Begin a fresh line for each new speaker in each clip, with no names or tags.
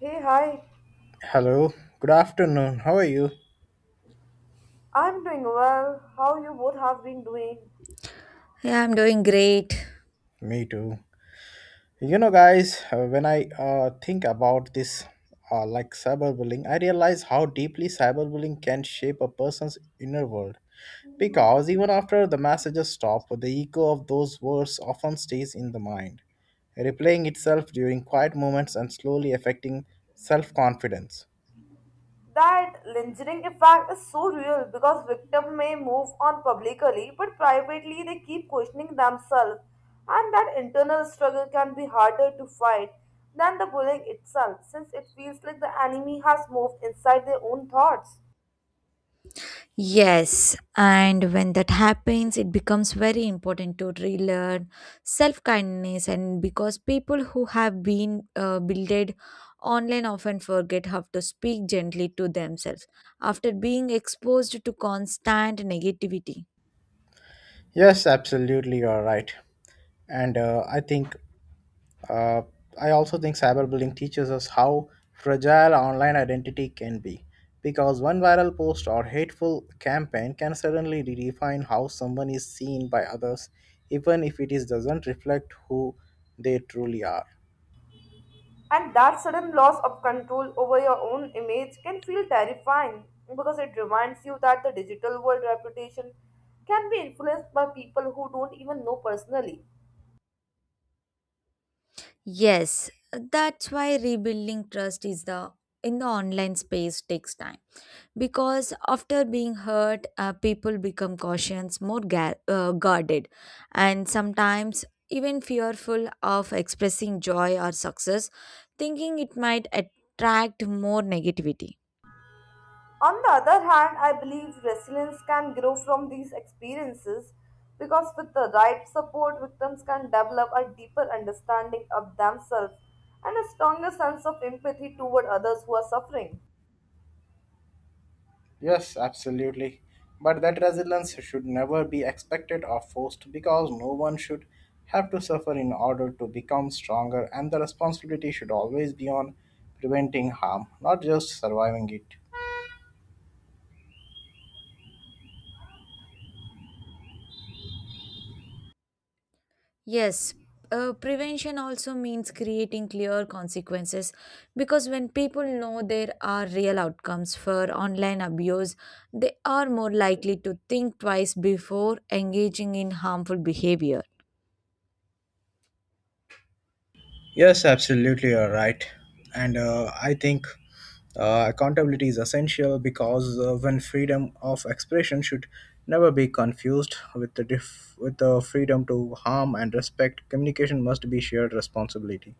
Hey, hi.
Hello, good afternoon. How are you?
I'm doing well. How you both have been doing?
Yeah, I'm doing great.
Me too. You know, guys, when I think about this, like cyberbullying, I realize how deeply cyberbullying can shape a person's inner world. Because even after the messages stop, the echo of those words often stays in the mind, replaying itself during quiet moments and slowly affecting self confidence.
That lingering effect is so real because victims may move on publicly, but privately they keep questioning themselves, and that internal struggle can be harder to fight than the bullying itself, since it feels like the enemy has moved inside their own thoughts.
Yes, and when that happens, it becomes very important to relearn self kindness, and because people who have been builded online often forget how to speak gently to themselves after being exposed to constant negativity.
Yes, absolutely, you are right. And I think Uh, I also think cyberbullying teaches us how fragile online identity can be because one viral post or hateful campaign can suddenly redefine how someone is seen by others, even if doesn't reflect who they truly are.
And that sudden loss of control over your own image can feel terrifying because it reminds you that the digital world reputation can be influenced by people who don't even know personally.
Yes, that's why rebuilding trust is the in the online space takes time because after being hurt people become cautious more guarded and sometimes even fearful of expressing joy or success thinking it might attract more negativity.
On the other hand, I believe resilience can grow from these experiences because with the right support, victims can develop a deeper understanding of themselves and a stronger sense of empathy toward others who are suffering.
Yes, absolutely. But that resilience should never be expected or forced because no one should have to suffer in order to become stronger, and the responsibility should always be on preventing harm, not just surviving it.
Yes, prevention also means creating clear consequences because when people know there are real outcomes for online abuse, they are more likely to think twice before engaging in harmful behavior.
Yes, absolutely, you're right. And I think accountability is essential because when freedom of expression should never be confused with the with the freedom to harm and respect, communication must be shared responsibility.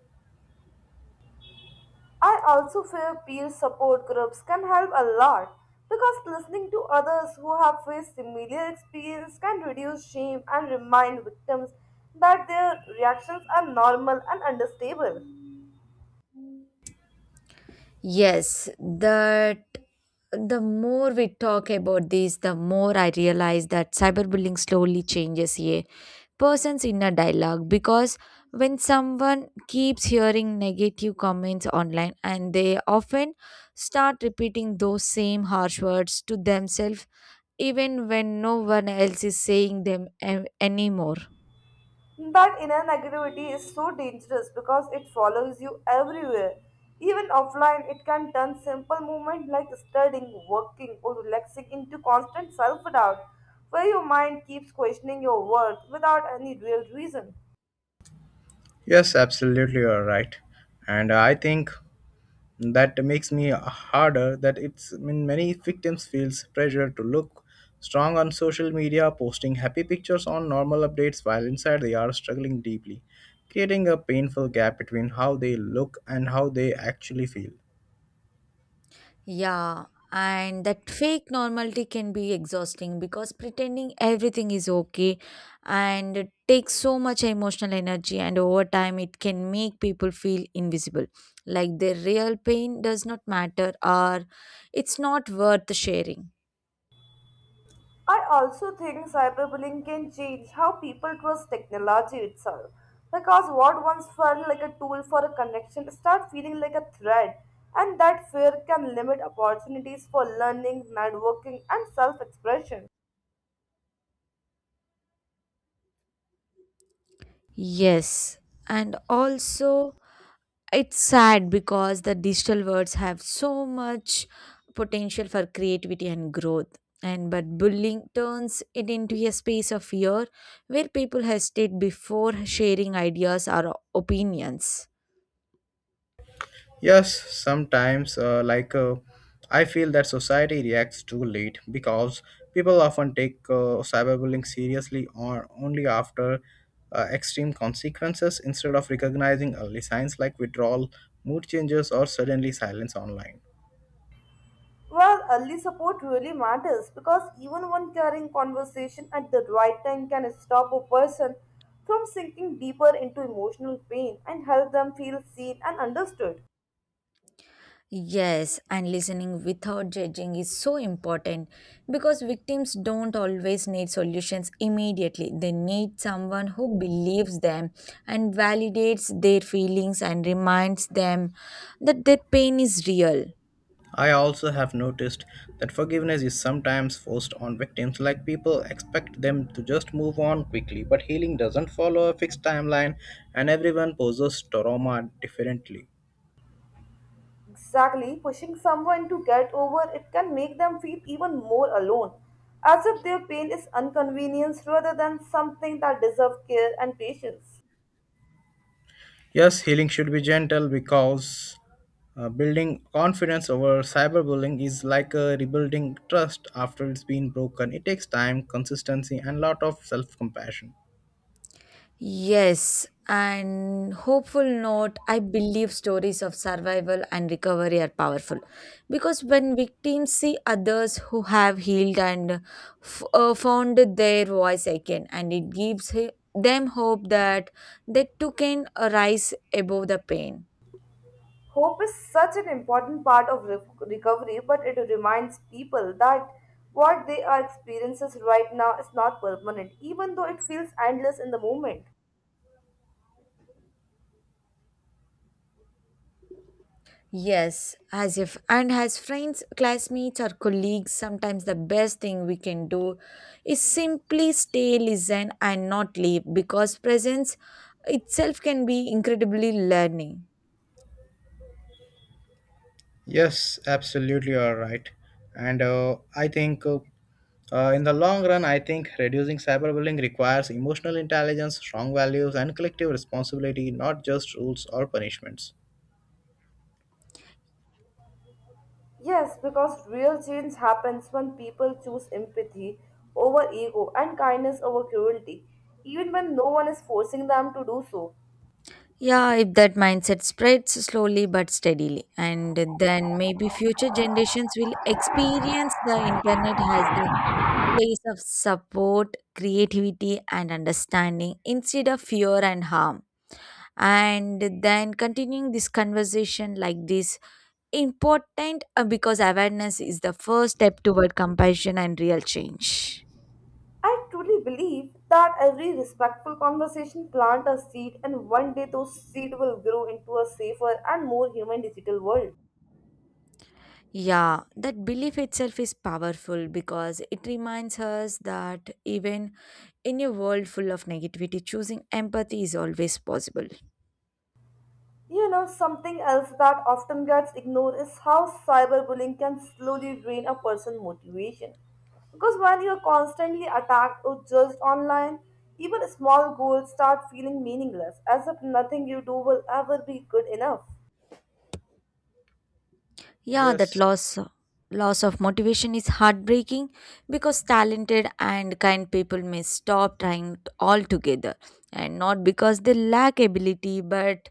I also feel peer support groups can help a lot because listening to others who have faced similar experience can reduce shame and remind victims that their reactions are normal and understandable.
Yes, that the more we talk about this, the more I realize that cyberbullying slowly changes a person's inner dialogue because when someone keeps hearing negative comments online, and they often start repeating those same harsh words to themselves even when no one else is saying them anymore.
That inner negativity is so dangerous because it follows you everywhere. Even offline, it can turn simple movements like studying, working, or relaxing into constant self doubt, where your mind keeps questioning your worth without any real reason.
Yes, absolutely, you're right. And I think that makes me harder that it's I mean, many victims feels pressure to look strong on social media posting happy pictures on normal updates while inside they are struggling deeply creating a painful gap between how they look and how they actually feel.
Yeah, and that fake normality can be exhausting because pretending everything is okay and it takes so much emotional energy, and over time, it can make people feel invisible, like their real pain does not matter or it's not worth sharing.
I also think cyberbullying can change how people trust technology itself. Because what once felt like a tool for a connection start feeling like a threat, and that fear can limit opportunities for learning, networking, and self-expression.
Yes, and also, it's sad because the digital words have so much potential for creativity and growth. And but bullying turns it into a space of fear where people hesitate before sharing ideas or opinions.
Yes, sometimes, like I feel that society reacts too late because people often take cyberbullying seriously or only after extreme consequences instead of recognizing early signs like withdrawal, mood changes, or suddenly silence online.
Well, early support really matters because even one caring conversation at the right time can stop a person from sinking deeper into emotional pain and help them feel seen and understood.
Yes, and listening without judging is so important because victims don't always need solutions immediately. They need someone who believes them and validates their feelings and reminds them that their pain is real.
I also have noticed that forgiveness is sometimes forced on victims, like people expect them to just move on quickly, but healing doesn't follow a fixed timeline and everyone poses trauma differently.
Exactly, pushing someone to get over it can make them feel even more alone, as if their pain is inconvenience rather than something that deserves care and patience.
Yes, healing should be gentle because building confidence over cyberbullying is like rebuilding trust after it's been broken. It takes time, consistency, and lot of self compassion.
Yes, and hopeful note, I believe stories of survival and recovery are powerful because when victims see others who have healed and found their voice again, and it gives them hope that they too can rise above the pain.
Hope is such an important part of recovery, but it reminds people that what they are experiencing right now is not permanent, even though it feels endless in the moment.
Yes, as if, and as friends, classmates, or colleagues, sometimes the best thing we can do is simply stay, listen, and not leave because presence itself can be incredibly learning.
Yes, absolutely, you are right. And I think in the long run, I think reducing cyberbullying requires emotional intelligence, strong values, and collective responsibility, not just rules or punishments.
Yes, because real change happens when people choose empathy over ego and kindness over cruelty, even when no one is forcing them to do so.
Yeah, if that mindset spreads slowly but steadily, and then maybe future generations will experience the internet as the place of support, creativity, and understanding instead of fear and harm. And then continuing this conversation like this important because awareness is the first step toward compassion and real change.
I truly believe that every respectful conversation plant a seed and one day those seed will grow into a safer and more human digital world.
Yeah, that belief itself is powerful because it reminds us that even in a world full of negativity, choosing empathy is always possible.
You know, something else that often gets ignored is how cyberbullying can slowly drain a person's motivation. Because when you're constantly attacked or judged online, even small goals start feeling meaningless, as if nothing you do will ever be good enough.
Yeah, that
Yes,
loss of motivation is heartbreaking because talented and kind people may stop trying altogether, and not because they lack ability, but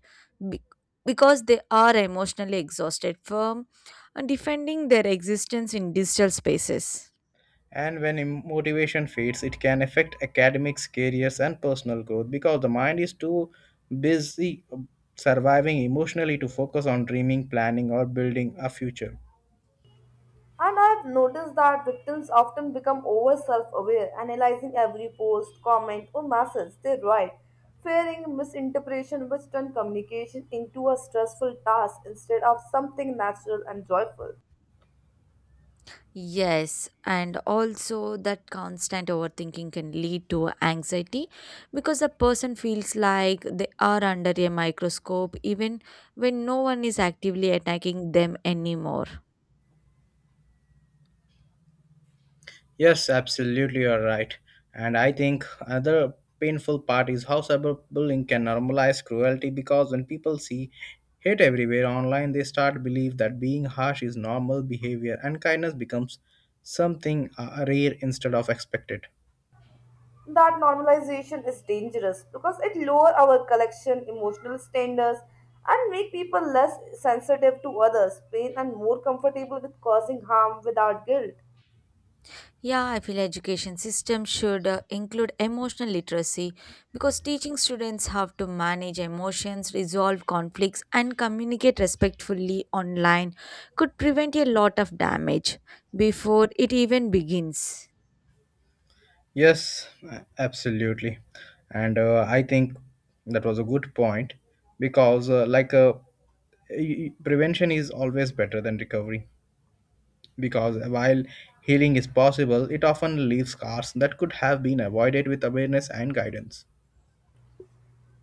be- because they are emotionally exhausted from defending their existence in digital spaces.
and when motivation fades, it can affect academics, careers, and personal growth because the mind is too busy surviving emotionally to focus on dreaming, planning, or building a future.
And I've noticed that victims often become over self aware, analyzing every post, comment, or message they write, fearing misinterpretation, which turn communication into a stressful task instead of something natural and joyful.
Yes, and also that constant overthinking can lead to anxiety because the person feels like they are under a microscope even when no one is actively attacking them anymore.
Yes, absolutely, you're right. And I think another painful part is how cyberbullying can normalize cruelty because when people see hate everywhere online, they start to believe that being harsh is normal behavior and kindness becomes something rare instead of expected.
That normalization is dangerous because it lower our collection emotional standards and make people less sensitive to others pain and more comfortable with causing harm without guilt.
Yeah, I feel education system should include emotional literacy because teaching students how to manage emotions, resolve conflicts and communicate respectfully online could prevent a lot of damage before it even begins.
Yes, absolutely. And I think that was a good point because, like, prevention is always better than recovery because while healing is possible, it often leaves scars that could have been avoided with awareness and guidance.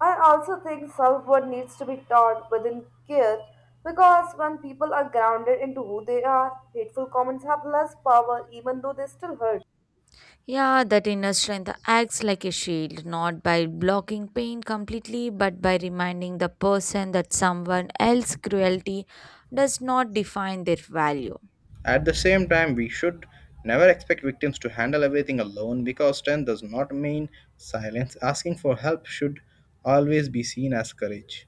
I also think self-worth needs to be taught within care because when people are grounded into who they are hateful comments have less power even though they still hurt.
Yeah, that inner strength acts like a shield, not by blocking pain completely, but by reminding the person that someone else's cruelty does not define their value.
At the same time, we should never expect victims to handle everything alone because strength does not mean silence. Asking for help should always be seen as courage.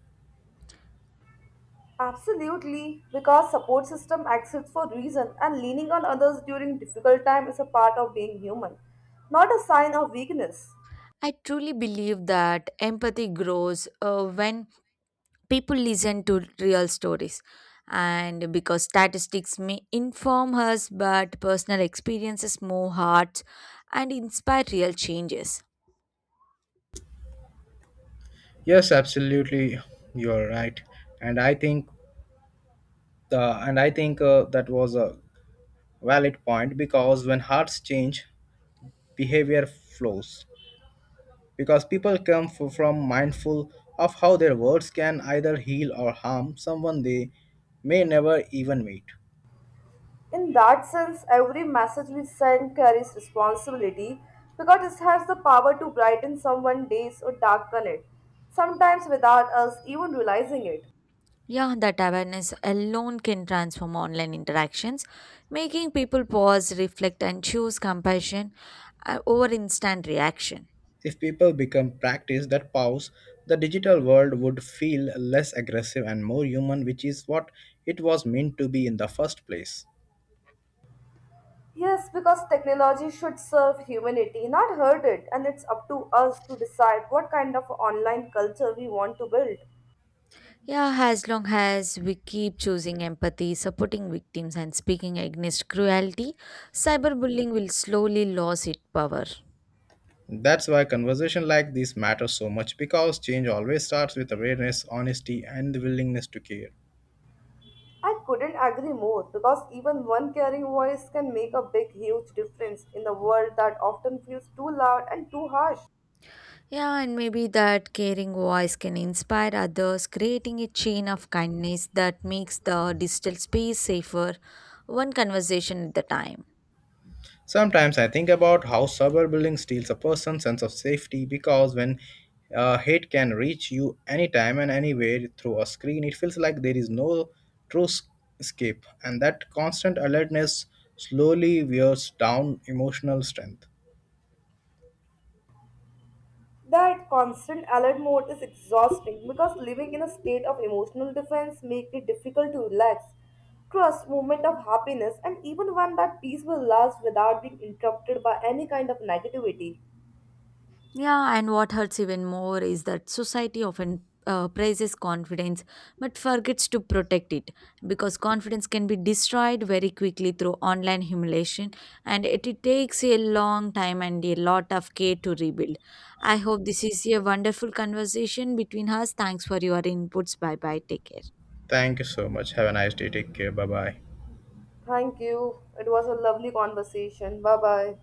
Absolutely, because support system exists for reason and leaning on others during difficult time is a part of being human, not a sign of weakness.
I truly believe that empathy grows when people listen to real stories, and because statistics may inform us but personal experiences move hearts and inspire real changes.
Yes, absolutely. You're right. And I think and I think that was a valid point because when hearts change, behavior flows. Because people come from mindful of how their words can either heal or harm someone they may never even meet.
In that sense, every message we send carries responsibility because it has the power to brighten someone's days or darken it, sometimes without us even realizing it.
Yeah, that awareness alone can transform online interactions, making people pause, reflect, and choose compassion over instant reaction.
If people become practice that pause, the digital world would feel less aggressive and more human, which is what it was meant to be in the first place.
Yes, because technology should serve humanity, not hurt it, and it's up to us to decide what kind of online culture we want to build.
Yeah, as long as we keep choosing empathy, supporting victims, and speaking against cruelty, cyberbullying will slowly lose its power.
That's why conversation like this matter so much because change always starts with awareness, honesty, and the willingness to care.
I couldn't agree more because even one caring voice can make a big, huge difference in the world that often feels too loud and too harsh.
Yeah, and maybe that caring voice can inspire others, creating a chain of kindness that makes the digital space safer, one conversation at a time.
Sometimes I think about how suburban bullying steals a person's sense of safety because when hate can reach you anytime and anywhere through a screen, it feels like there is no true s- escape, and that constant alertness slowly wears down emotional strength.
That constant alert mode is exhausting because living in a state of emotional defense makes it difficult to relax. Trust, moment of happiness, and even one that peace will last without being interrupted by any kind of negativity.
Yeah, and what hurts even more is that society often praises confidence but forgets to protect it because confidence can be destroyed very quickly through online humiliation, and it takes a long time and a lot of care to rebuild. I hope this is a wonderful conversation between us. Thanks for your inputs. Bye bye. Take care.
Thank you so much. Have a nice day. Take care. Bye bye.
Thank you. It was a lovely conversation. Bye bye.